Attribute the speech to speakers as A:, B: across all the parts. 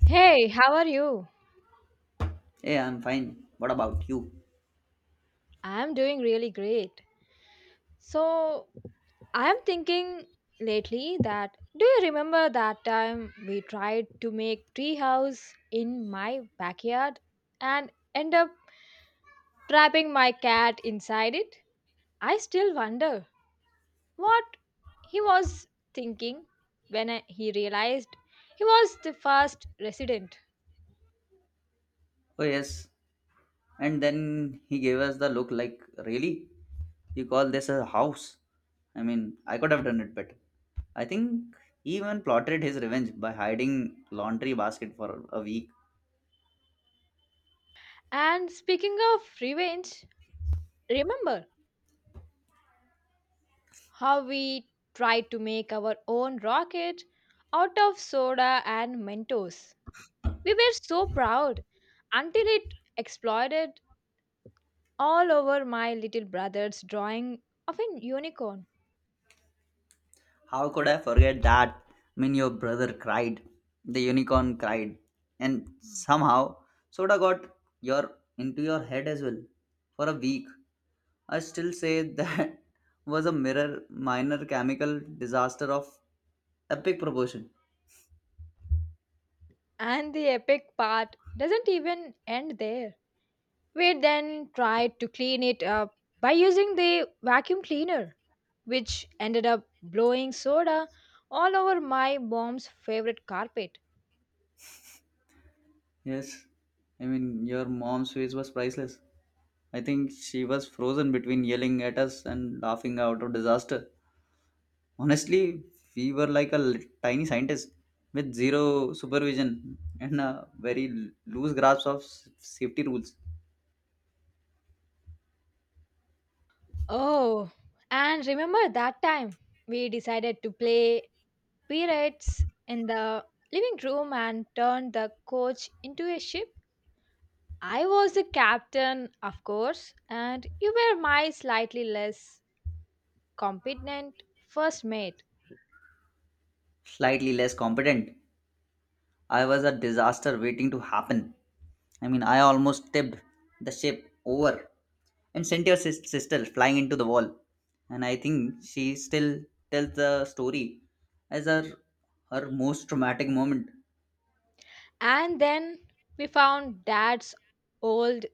A: Hey, how are you?
B: Hey, I'm fine. What about you?
A: I'm doing really great. So, I'm thinking lately that do you remember that time we tried to make treehouse in my backyard and end up trapping my cat inside it? I still wonder what he was thinking when he realized he was the first resident.
B: Oh, yes. And then he gave us the look like, Really? You call this a house? I mean, I could have done it better. I think he even plotted his revenge by hiding laundry basket for a week.
A: And speaking of revenge, remember how we tried to make our own rocket out of soda and Mentos. We were so proud until it exploded all over my little brother's drawing of a unicorn.
B: How could I forget that? I mean, your brother cried, the unicorn cried, and somehow soda got your into your head as well for a week. I still say that was a mirror minor chemical disaster of epic proportion.
A: And the epic part doesn't even end there. We then tried to clean it up by using the vacuum cleaner, which ended up blowing soda all over my mom's favorite carpet.
B: Yes, I mean your mom's face was priceless. I think she was frozen between yelling at us and laughing out of disaster. Honestly, we were like a tiny scientist with zero supervision and a very loose grasp of safety rules,
A: Oh, and remember that time we decided to play pirates in the living room and turned the coach into a ship? I was the captain, of course, and you were my slightly less competent first mate.
B: slightly less competent. I was a disaster waiting to happen. I mean, I almost tipped the ship over and sent your sister flying into the wall. And I think she still tells the story as her most traumatic moment.
A: And then we found dad's old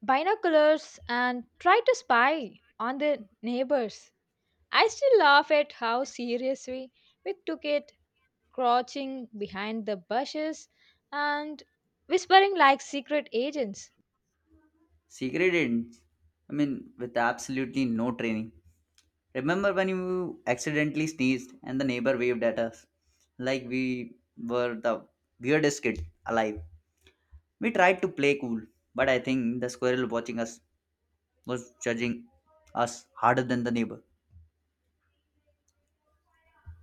A: binoculars and tried to spy on the neighbors. I still laugh at how seriously we took it crouching behind the bushes and whispering like secret agents.
B: Secret agents. I mean, with absolutely no training. Remember when you accidentally sneezed and the neighbor waved at us like we were the weirdest kid alive? We tried to play cool, but I think the squirrel watching us was judging us harder than the neighbor.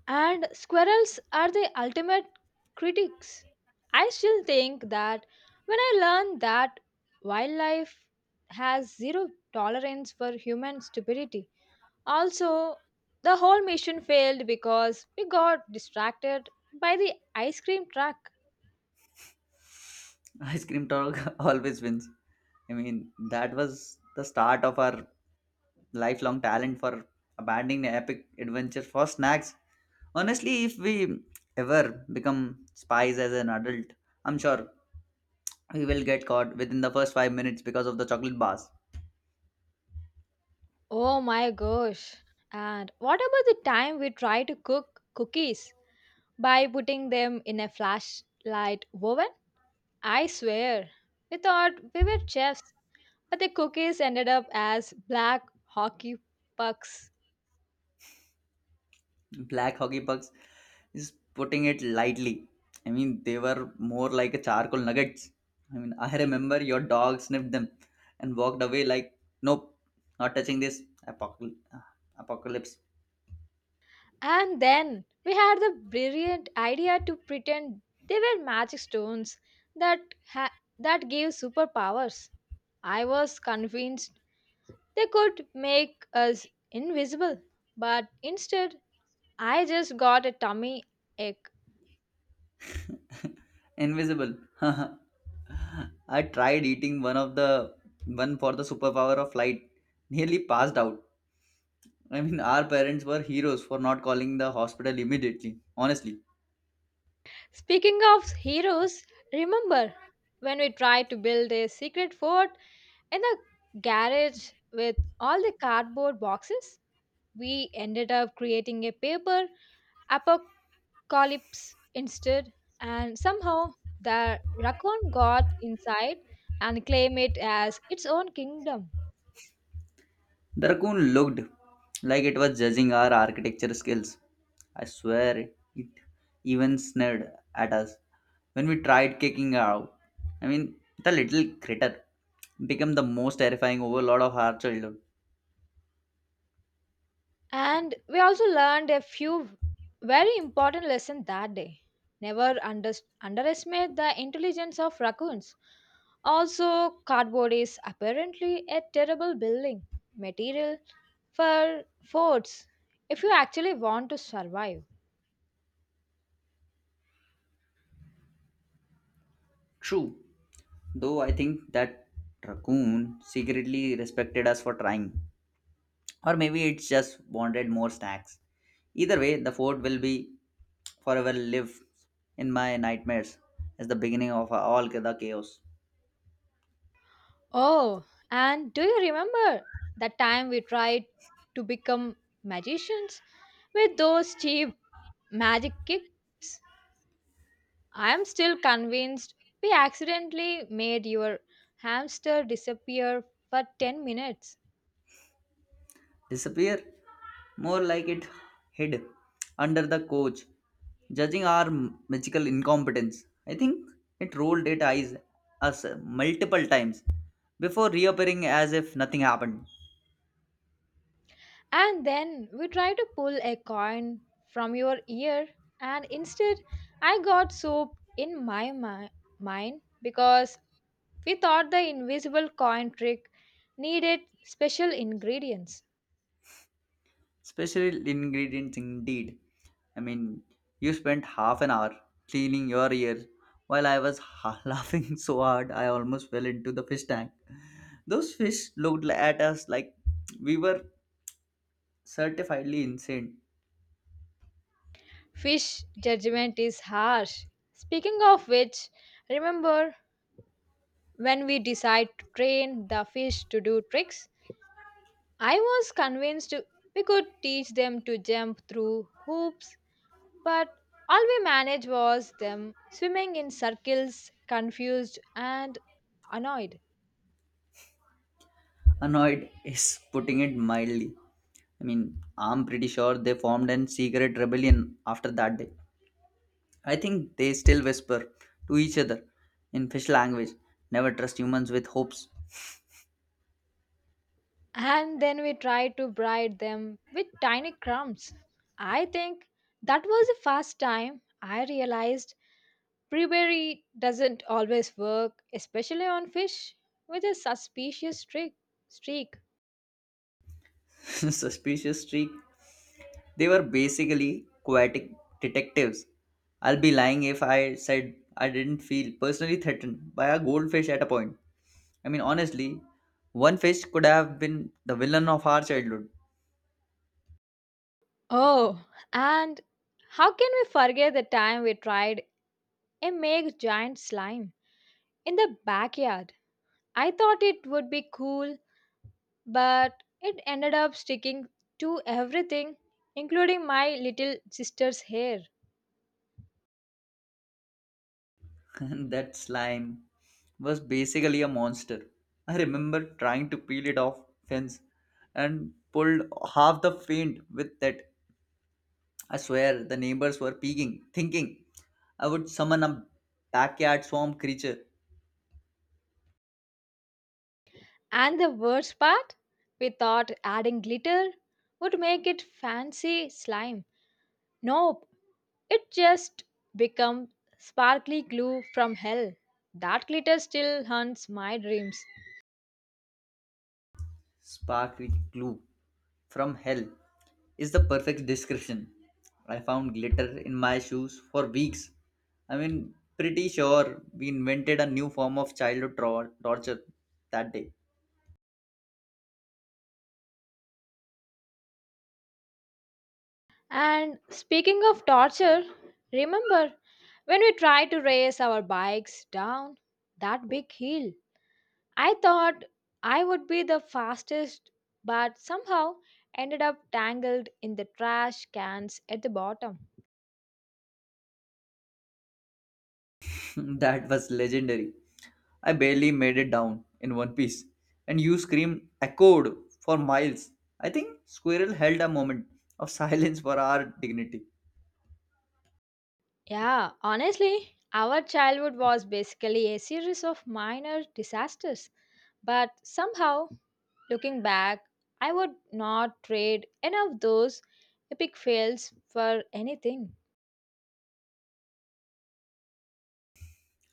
A: And squirrels are the ultimate critics. I still think that when I learned that wildlife has zero tolerance for human stupidity. Also, the whole mission failed because we got distracted by the ice cream truck.
B: Ice cream talk always wins. I mean, that was the start of our lifelong talent for abandoning the epic adventure for snacks. Honestly, if we ever become spies as an adult, I'm sure we will get caught within the first 5 minutes because of the chocolate bars.
A: Oh my gosh. And what about the time we tried to cook cookies by putting them in a flashlight oven. I swear, we thought we were chefs, but the cookies ended up as black hockey pucks.
B: Black hockey pucks is putting it lightly. I mean they were more like a charcoal nuggets. I mean I remember your dog sniffed them and walked away like, Nope, not touching this apocal- uh, apocalypse.
A: And then we had the brilliant idea to pretend they were magic stones that ha- that gave superpowers. I was convinced they could make us invisible, but instead I just got a tummy ache.
B: Invisible. I tried eating one for the superpower of light. Nearly passed out. I mean our parents were heroes for not calling the hospital immediately, honestly.
A: Speaking of heroes, remember when we tried to build a secret fort in the garage with all the cardboard boxes? We ended up creating a paper apocalypse instead, and somehow the raccoon got inside and claimed it as its own kingdom.
B: The raccoon looked like it was judging our architecture skills. I swear it even sneered at us when we tried kicking her out. I mean, the little critter became the most terrifying overlord of our childhood.
A: And we also learned a few very important lessons that day. Never underestimate the intelligence of raccoons. Also, cardboard is apparently a terrible building material for forts if you actually want to survive.
B: True, though I think that raccoon secretly respected us for trying. Or maybe it just wanted more snacks. Either way, the fort will be forever live in my nightmares as the beginning of all the chaos.
A: Oh, and do you remember the time we tried to become magicians with those cheap magic kicks? I am still convinced we accidentally made your hamster disappear for 10 minutes.
B: Disappear, more like it hid under the couch judging our magical incompetence. I think it rolled its eyes us multiple times before reappearing as if nothing happened.
A: And then we tried to pull a coin from your ear, and instead, I got soap in my mind because we thought the invisible coin trick needed special ingredients.
B: Special ingredients indeed. I mean you spent half an hour cleaning your ears while I was laughing so hard I almost fell into the fish tank. Those fish looked at us like we were certifiedly insane.
A: Fish judgment is harsh. Speaking of which, remember when we decide to train the fish to do tricks? I was convinced we could teach them to jump through hoops, but all we managed was them swimming in circles, confused and annoyed.
B: Annoyed is putting it mildly. I mean, I'm pretty sure they formed an secret rebellion after that day. I think they still whisper to each other in fish language, never trust humans with hopes.
A: And then we tried to bribe them with tiny crumbs. I think that was the first time I realized bribery doesn't always work, especially on fish with a suspicious streak.
B: Suspicious streak. They were basically quietic detectives. I'll be lying if I said I didn't feel personally threatened by a goldfish at a point. I mean, honestly, one fish could have been the villain of our childhood.
A: Oh, and how can we forget the time we tried I make giant slime in the backyard. I thought it would be cool, but it ended up sticking to everything, including my little sister's hair.
B: That slime was basically a monster. I remember trying to peel it off fence and pulled half the paint with that. I swear the neighbors were peeking, thinking I would summon a backyard swamp creature.
A: And the worst part, we thought adding glitter would make it fancy slime. Nope, it just become sparkly glue from hell. That glitter still haunts my dreams.
B: Sparkly glue from hell is the perfect description. I found glitter in my shoes for weeks. I mean, pretty sure we invented a new form of childhood torture that day.
A: And speaking of torture, remember when we tried to race our bikes down that big hill? I thought I would be the fastest, but somehow ended up tangled in the trash cans at the bottom.
B: That was legendary. I barely made it down in one piece, and you scream echoed for miles. I think Squirrel held a moment of silence for our dignity.
A: Yeah, honestly, our childhood was basically a series of minor disasters, but somehow, looking back, I would not trade any of those epic fails for anything.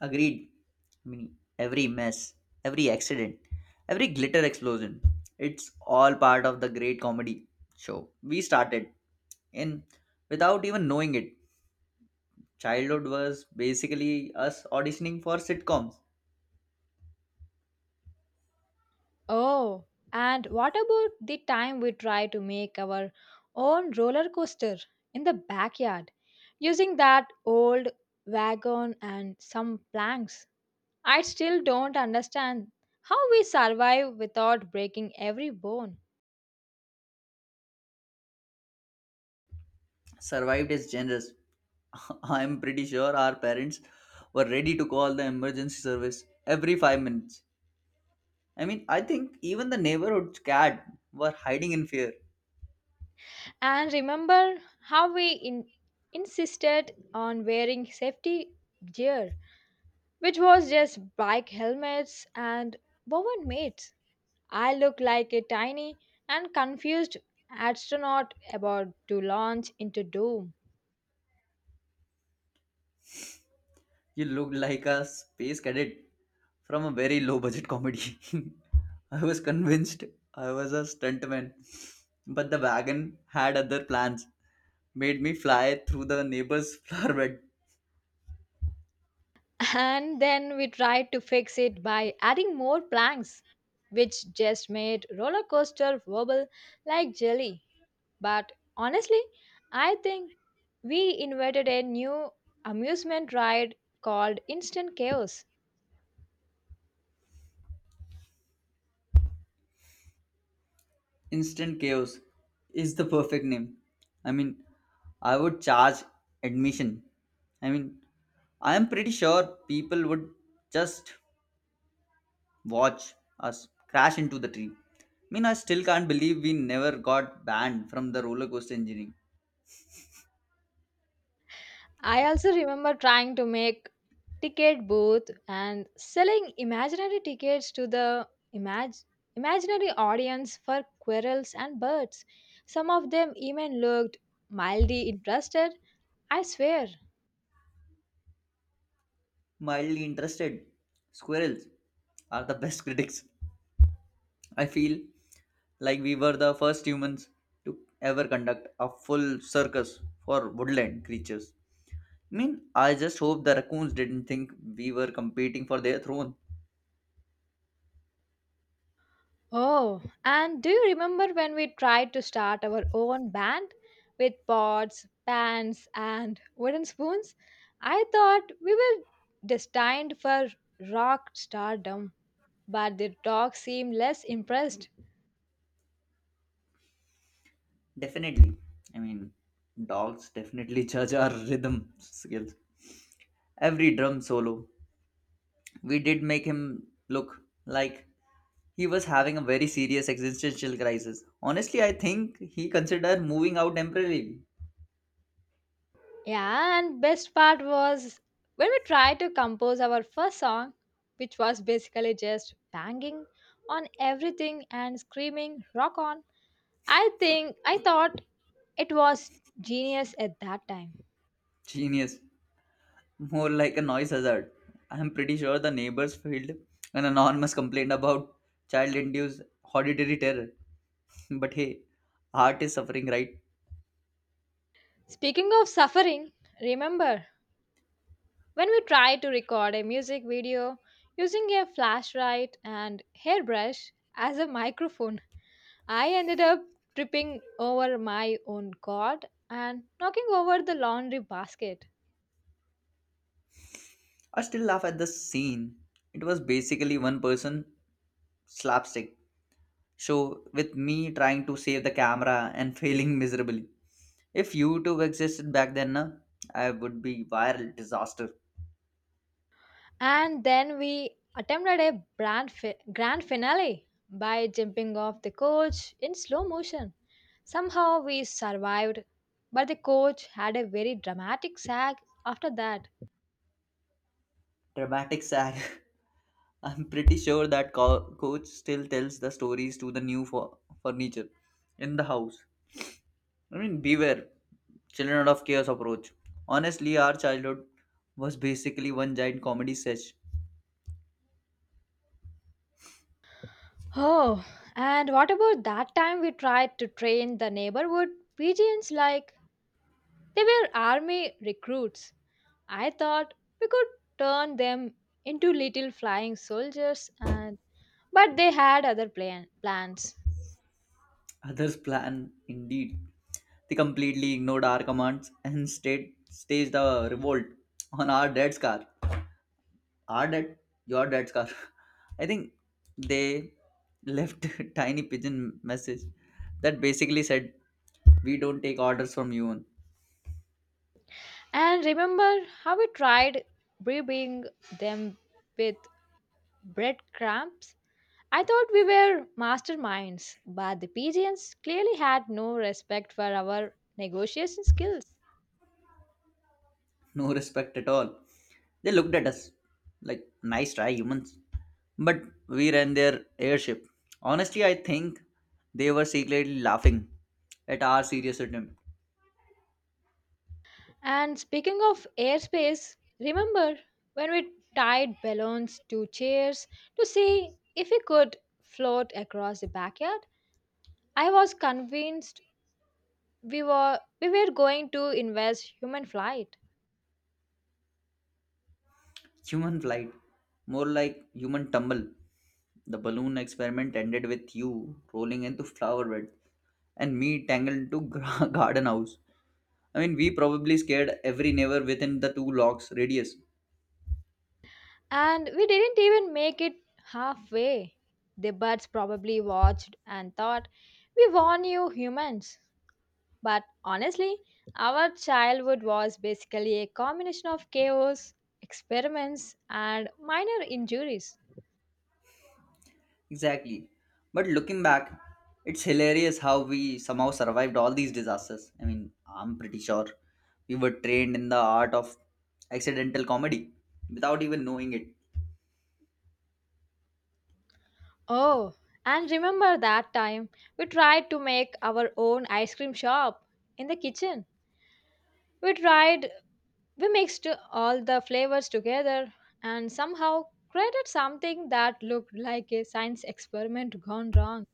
B: Agreed. I mean, every mess, every accident, every glitter explosion, it's all part of the great comedy show. We started in without even knowing it. Childhood was basically us auditioning for sitcoms.
A: Oh, and what about the time we try to make our own roller coaster in the backyard using that old wagon and some planks? I still don't understand how we survive without breaking every bone.
B: Survived is generous. I'm pretty sure our parents were ready to call the emergency service every 5 minutes. I mean, I think even the neighborhood cat were hiding in fear.
A: And remember how we insisted on wearing safety gear, which was just bike helmets and woven mats. I look like a tiny and confused astronaut about to launch into doom.
B: You looked like a space cadet from a very low budget comedy. I was convinced I was a stuntman, but the wagon had other plans. Made me fly through the neighbor's flower bed.
A: And then we tried to fix it by adding more planks, which just made roller coaster wobble like jelly. But honestly, I think we invented a new amusement ride called Instant Chaos.
B: Instant Chaos is the perfect name. I mean, I would charge admission. I mean, I am pretty sure people would just watch us crash into the tree. I mean, I still can't believe we never got banned from the roller coaster engineering.
A: I also remember trying to make ticket booth and selling imaginary tickets to the imag- imaginary audience for quirrels and birds. Some of them even looked mildly interested, I swear.
B: Mildly interested. Squirrels are the best critics. I feel like we were the first humans to ever conduct a full circus for woodland creatures. I mean, I just hope the raccoons didn't think we were competing for their throne.
A: Oh, and do you remember when we tried to start our own band with pots, pans, and wooden spoons? I thought we were destined for rock stardom, but the dog seemed less impressed.
B: Definitely. I mean, dogs definitely judge our rhythm skills. Every drum solo, we did make him look like he was having a very serious existential crisis. Honestly, I think he considered moving out temporarily.
A: Yeah, and best part was when we tried to compose our first song, which was basically just banging on everything and screaming rock on. I think I thought it was genius at that time.
B: Genius. More like a noise hazard. I'm pretty sure the neighbors filed an anonymous complaint about child induced auditory terror. But hey, art is suffering, right?
A: Speaking of suffering, remember when we tried to record a music video using a flashlight and hairbrush as a microphone? I ended up tripping over my own cord and knocking over the laundry basket.
B: I still laugh at the scene. It was basically one person slapstick show with me trying to save the camera and failing miserably. If YouTube existed back then, na, I would be viral disaster.
A: And then we attempted a grand finale by jumping off the coach in slow motion. Somehow we survived, but the coach had a very dramatic sag after that.
B: Dramatic sag. I'm pretty sure that coach still tells the stories to the new furniture in the house. I mean, beware, children of chaos approach. Honestly, our childhood was basically one giant comedy set.
A: Oh, and what about that time we tried to train the neighborhood pigeons like they were army recruits? I thought we could turn them into little flying soldiers and but they had other plans.
B: Others plan indeed. They completely ignored our commands and staged a revolt on our dad's car. Our dad, your dad's car. I think they left a tiny pigeon message that basically said, We don't take orders from you,
A: And remember how we tried bribing them with breadcrumbs? I thought we were masterminds, but the pigeons clearly had no respect for our negotiation skills.
B: no respect at all. They looked at us like, Nice try, humans. But we ran their airship. Honestly, I think they were secretly laughing at our serious attempt.
A: And speaking of airspace, remember when we tied balloons to chairs to see if we could float across the backyard? I was convinced we were going to invest human flight
B: Human flight, more like human tumble. The balloon experiment ended with you rolling into flower bed and me tangled into garden house. I mean, we probably scared every neighbor within the 2 blocks radius.
A: and we didn't even make it halfway. The birds probably watched and thought we warn you humans. But honestly, our childhood was basically a combination of chaos, experiments and minor injuries.
B: Exactly. But looking back, it's hilarious how we somehow survived all these disasters. I mean, I'm pretty sure we were trained in the art of accidental comedy without even knowing it.
A: Oh, and remember that time we tried to make our own ice cream shop in the kitchen. We tried We mixed all the flavors together and somehow created something that looked like a science experiment gone wrong.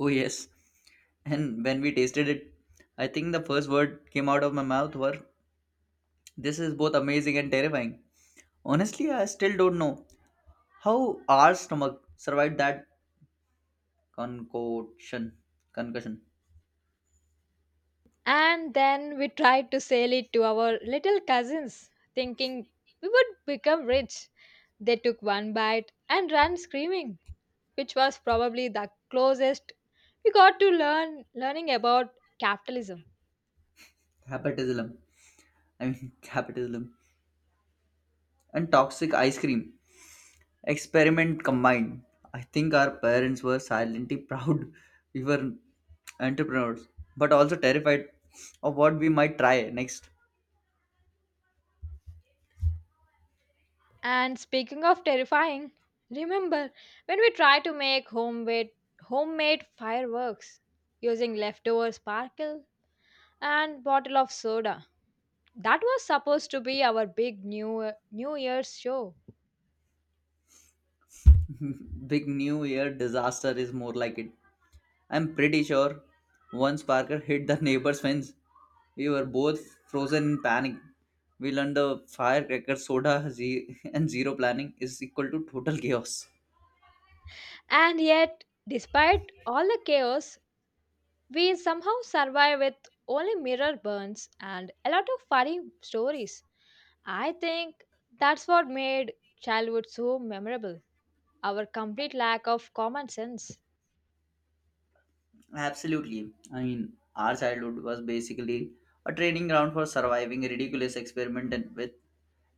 B: Oh, yes. And when we tasted it, I think the first word came out of my mouth were, This is both amazing and terrifying. Honestly, I still don't know how our stomach survived that concoction, concussion,
A: And then we tried to sell it to our little cousins, thinking we would become rich. They took one bite and ran screaming, which was probably the closest we got to learning about capitalism.
B: capitalism. I mean, capitalism and toxic ice cream experiment combined. I think our parents were silently proud we were entrepreneurs, but also terrified of what we might try next.
A: And speaking of terrifying, remember when we tried to make homemade fireworks using leftover sparkle and bottle of soda. That was supposed to be our big New Year's show.
B: Big New Year disaster is more like it. I'm pretty sure once Parker hit the neighbor's fence. We were both frozen in panic. We learned the firecracker soda and zero planning is equal to total chaos.
A: And yet, despite all the chaos, we somehow survive with only mirror burns and a lot of funny stories. I think that's what made childhood so memorable, our complete lack of common sense.
B: Absolutely. I mean, our childhood was basically a training ground for surviving a ridiculous experiment and with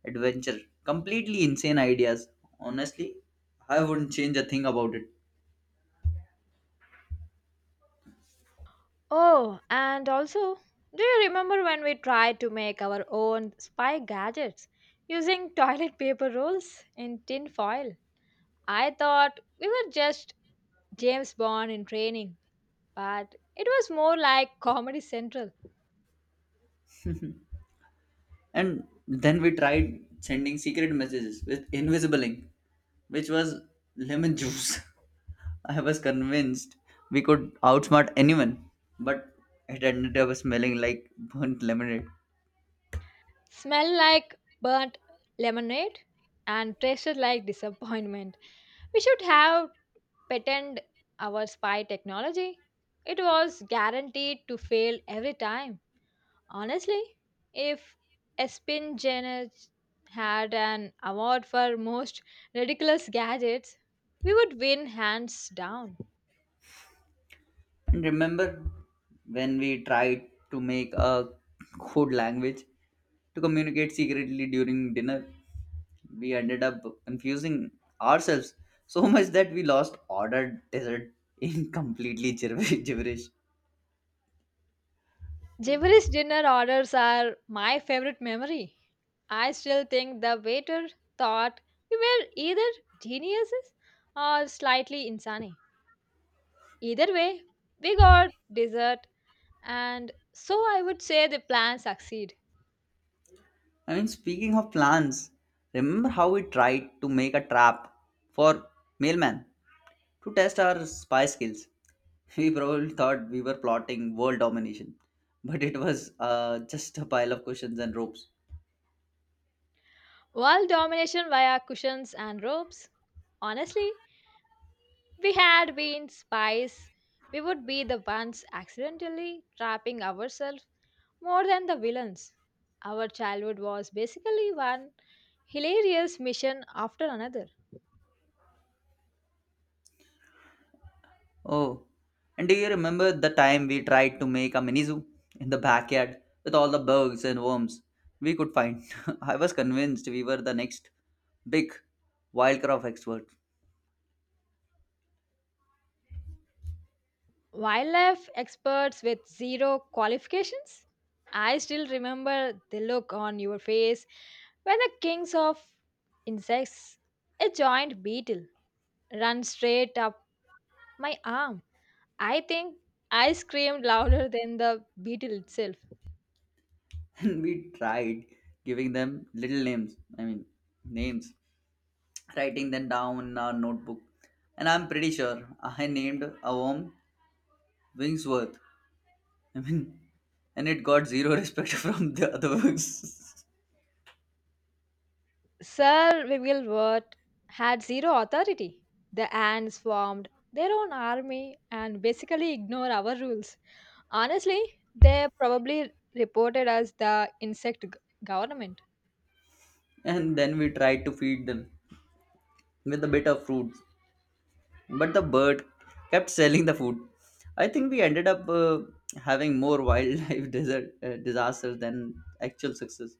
B: adventure. Completely insane ideas. Honestly, I wouldn't change a thing about it.
A: Oh, and also, do you remember when we tried to make our own spy gadgets using toilet paper rolls in tin foil? I thought we were just James Bond in training, but it was more like Comedy Central.
B: And then we tried sending secret messages with invisible ink, which was lemon juice. I was convinced we could outsmart anyone, but it ended up smelling like burnt lemonade.
A: Smell like burnt lemonade and tasted like disappointment. We should have patented our spy technology. It was guaranteed to fail every time. Honestly, if Espin Janet had an award for most ridiculous gadgets, we would win hands down.
B: And remember when we tried to make a code language to communicate secretly during dinner? We ended up confusing ourselves so much that we lost ordered dessert in completely gibberish.
A: Jeffrey's dinner orders are my favorite memory. I still think the waiter thought we were either geniuses or slightly insane. Either way, we got dessert, and so I would say the plan succeed.
B: I mean, speaking of plans, remember how we tried to make a trap for mailman to test our spy skills? We probably thought we were plotting world domination, but it was just a pile of questions and ropes.
A: World domination via cushions and ropes. Honestly, we had been spies, we would be the ones accidentally trapping ourselves more than the villains. Our childhood was basically one hilarious mission after another.
B: Oh, and do you remember the time we tried to make a mini zoo in the backyard with all the bugs and worms we could find? I was convinced we were the next big wildcraft expert.
A: Wildlife experts with zero qualifications? I still remember the look on your face when the kings of insects, a giant beetle, ran straight up my arm. I think I screamed louder than the beetle itself.
B: And we tried giving them little names, I mean names, writing them down in our notebook. And I'm pretty sure I named a worm wingsworth. I mean and it got zero respect from the other worms.
A: Sir Wiglewort had zero authority. The ants formed their own army and basically ignored our rules. Honestly, they probably reported us the insect government.
B: And then we tried to feed them with a bit of fruit, but the bird kept selling the food. I think we ended up having more wildlife disasters than actual success.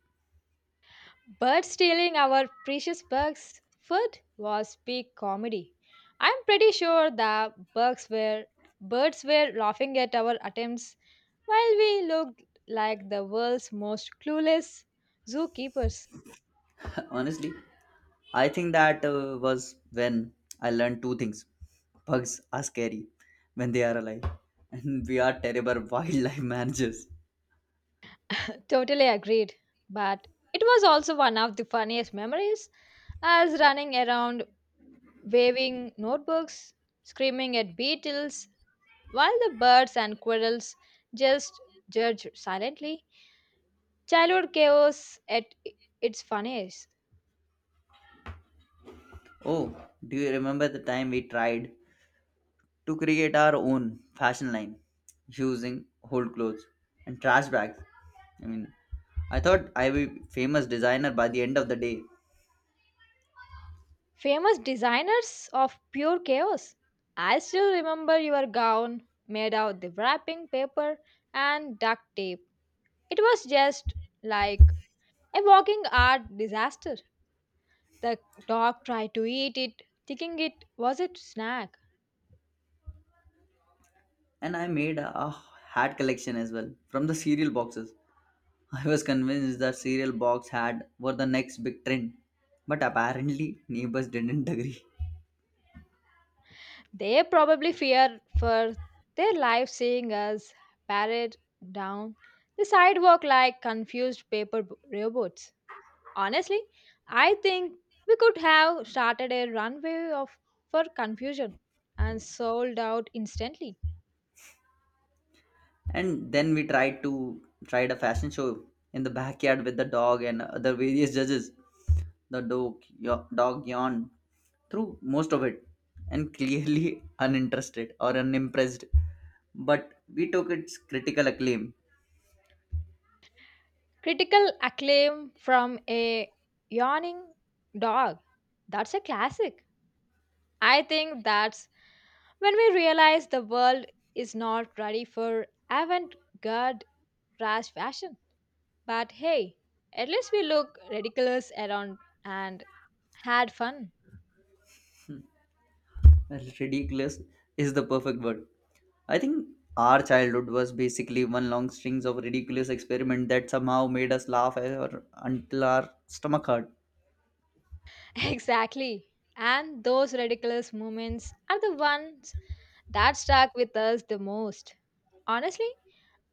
A: Birds stealing our precious bugs' food was peak comedy. I'm pretty sure the bugs were birds were laughing at our attempts while we looked like the world's most clueless zookeepers.
B: Honestly, I think that was when I learned two things. Bugs are scary when they are alive, and we are terrible wildlife managers.
A: Totally agreed. But it was also one of the funniest memories as running around waving notebooks, screaming at beetles, while the birds and quirrels just judge silently. Childhood chaos at its funniest.
B: Oh, do you remember the time we tried to create our own fashion line using old clothes and trash bags? I mean, I thought I would be famous designer by the end of the day.
A: Famous designers of pure chaos. I still remember your gown made out the wrapping paper and duct tape. It was just like a walking art disaster. The dog tried to eat it, thinking it was a snack.
B: And I made a hat collection as well from the cereal boxes. I was convinced the cereal box had were the next big trend, but apparently neighbors didn't agree.
A: They probably feared for their lives seeing us parrot down the sidewalk like confused paper robots. Honestly, I think we could have started a runway of for confusion and sold out instantly.
B: And then we tried a fashion show in the backyard with the dog and other various judges. The dog yawned through most of it and clearly uninterested or unimpressed, but we took its critical acclaim.
A: Critical acclaim from a yawning dog. That's a classic. I think that's when we realize the world is not ready for avant garde trash fashion. But hey, at least we look ridiculous around and had fun.
B: Ridiculous is the perfect word. I think our childhood was basically one long strings of ridiculous experiment that somehow made us laugh or until our stomach hurt.
A: Exactly. And those ridiculous moments are the ones that stuck with us the most. Honestly,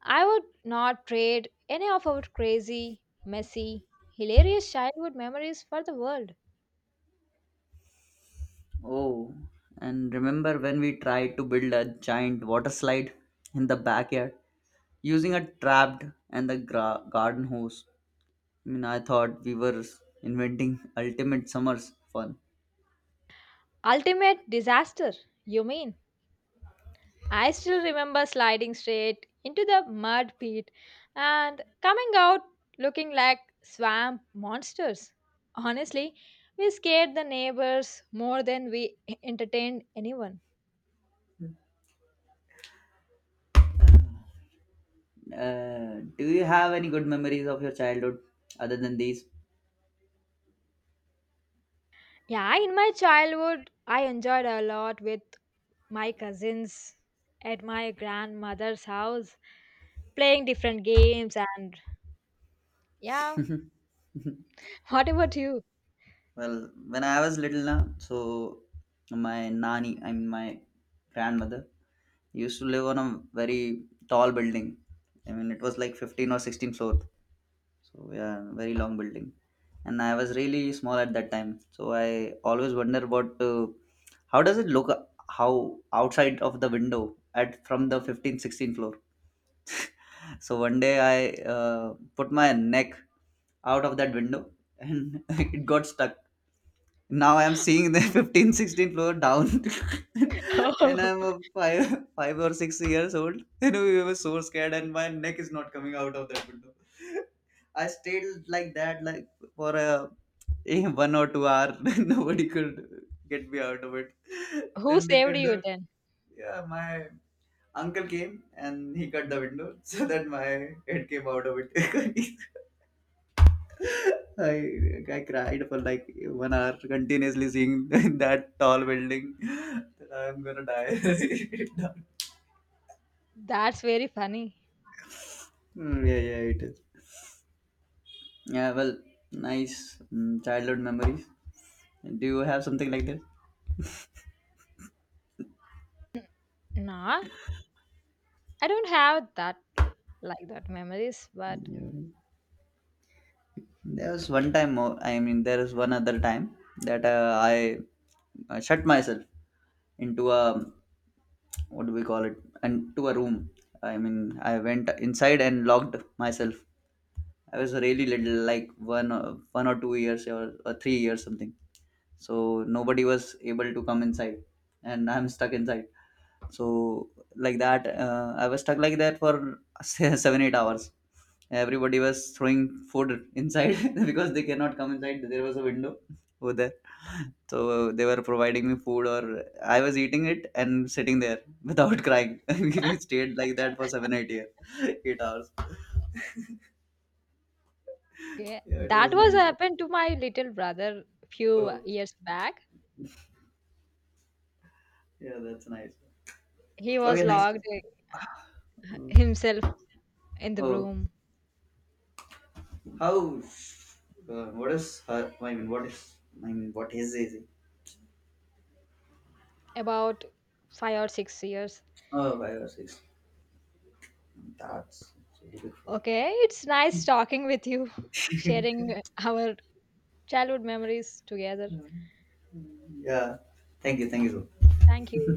A: I would not trade any of our crazy, messy, hilarious childhood memories for the world.
B: Oh, and remember when we tried to build a giant water slide in the backyard using a trapped and the garden hose? I mean, I thought we were inventing ultimate summer's fun.
A: Ultimate disaster, you mean? I still remember sliding straight into the mud pit and coming out looking like swamp monsters. Honestly, we scared the neighbors more than we entertained anyone.
B: Do you have any good memories of your childhood other than these?
A: Yeah, in my childhood, I enjoyed a lot with my cousins at my grandmother's house, playing different games and yeah. What about you?
B: Well, when I was little, na, so my nani, I mean my grandmother, used to live on a very tall building. I mean, it was like 15 or 16 floors. So yeah, very long building. And I was really small at that time. So I always wonder about how does it look, how outside of the window at from the 15th, 16th floor. So one day I put my neck out of that window and it got stuck. Now I'm seeing the 15, 16 floor down. And I'm a 5 or 6 years old. And we were so scared and my neck is not coming out of that window. I stayed like that like for a 1 or 2 hour. Nobody could get me out of it.
A: Who
B: Then they
A: saved
B: cut
A: you
B: the,
A: then?
B: yeah, my uncle came and he cut the window so that my head came out of it. I I cried for like 1 hour continuously seeing that tall building. That I'm gonna die.
A: That's very funny.
B: Mm, yeah, yeah, it is. Yeah, well, nice childhood memories. Do you have something like this?
A: Nah, I don't have that, like that memories, but
B: Yeah. There was one time more. I mean, there is one other time that I shut myself into a, what do we call it? Into a room. I mean, I went inside and locked myself. I was really little, like 1 or 2 years or 3 years something. So nobody was able to come inside, and I'm stuck inside. So like that, I was stuck like that for 7 8 hours. Everybody was throwing food inside because they cannot come inside. There was a window over there, so they were providing me food, or I was eating it and sitting there without crying. We stayed like that for 7 8 year, 8 hours.
A: okay,
B: Yeah, it
A: that
B: was
A: was
B: nice.
A: happened to my little brother few
B: Oh,
A: years back.
B: yeah, that's nice.
A: He was
B: Okay, nice.
A: locked himself in the
B: Oh,
A: room,
B: how? What is her? I mean, what is? I mean, what is easy?
A: about 5 or 6 years.
B: Oh, 5 or 6. That's really good.
A: Okay, it's nice talking with you, sharing our childhood memories together.
B: Yeah. Thank you. Thank you so much.
A: Thank you.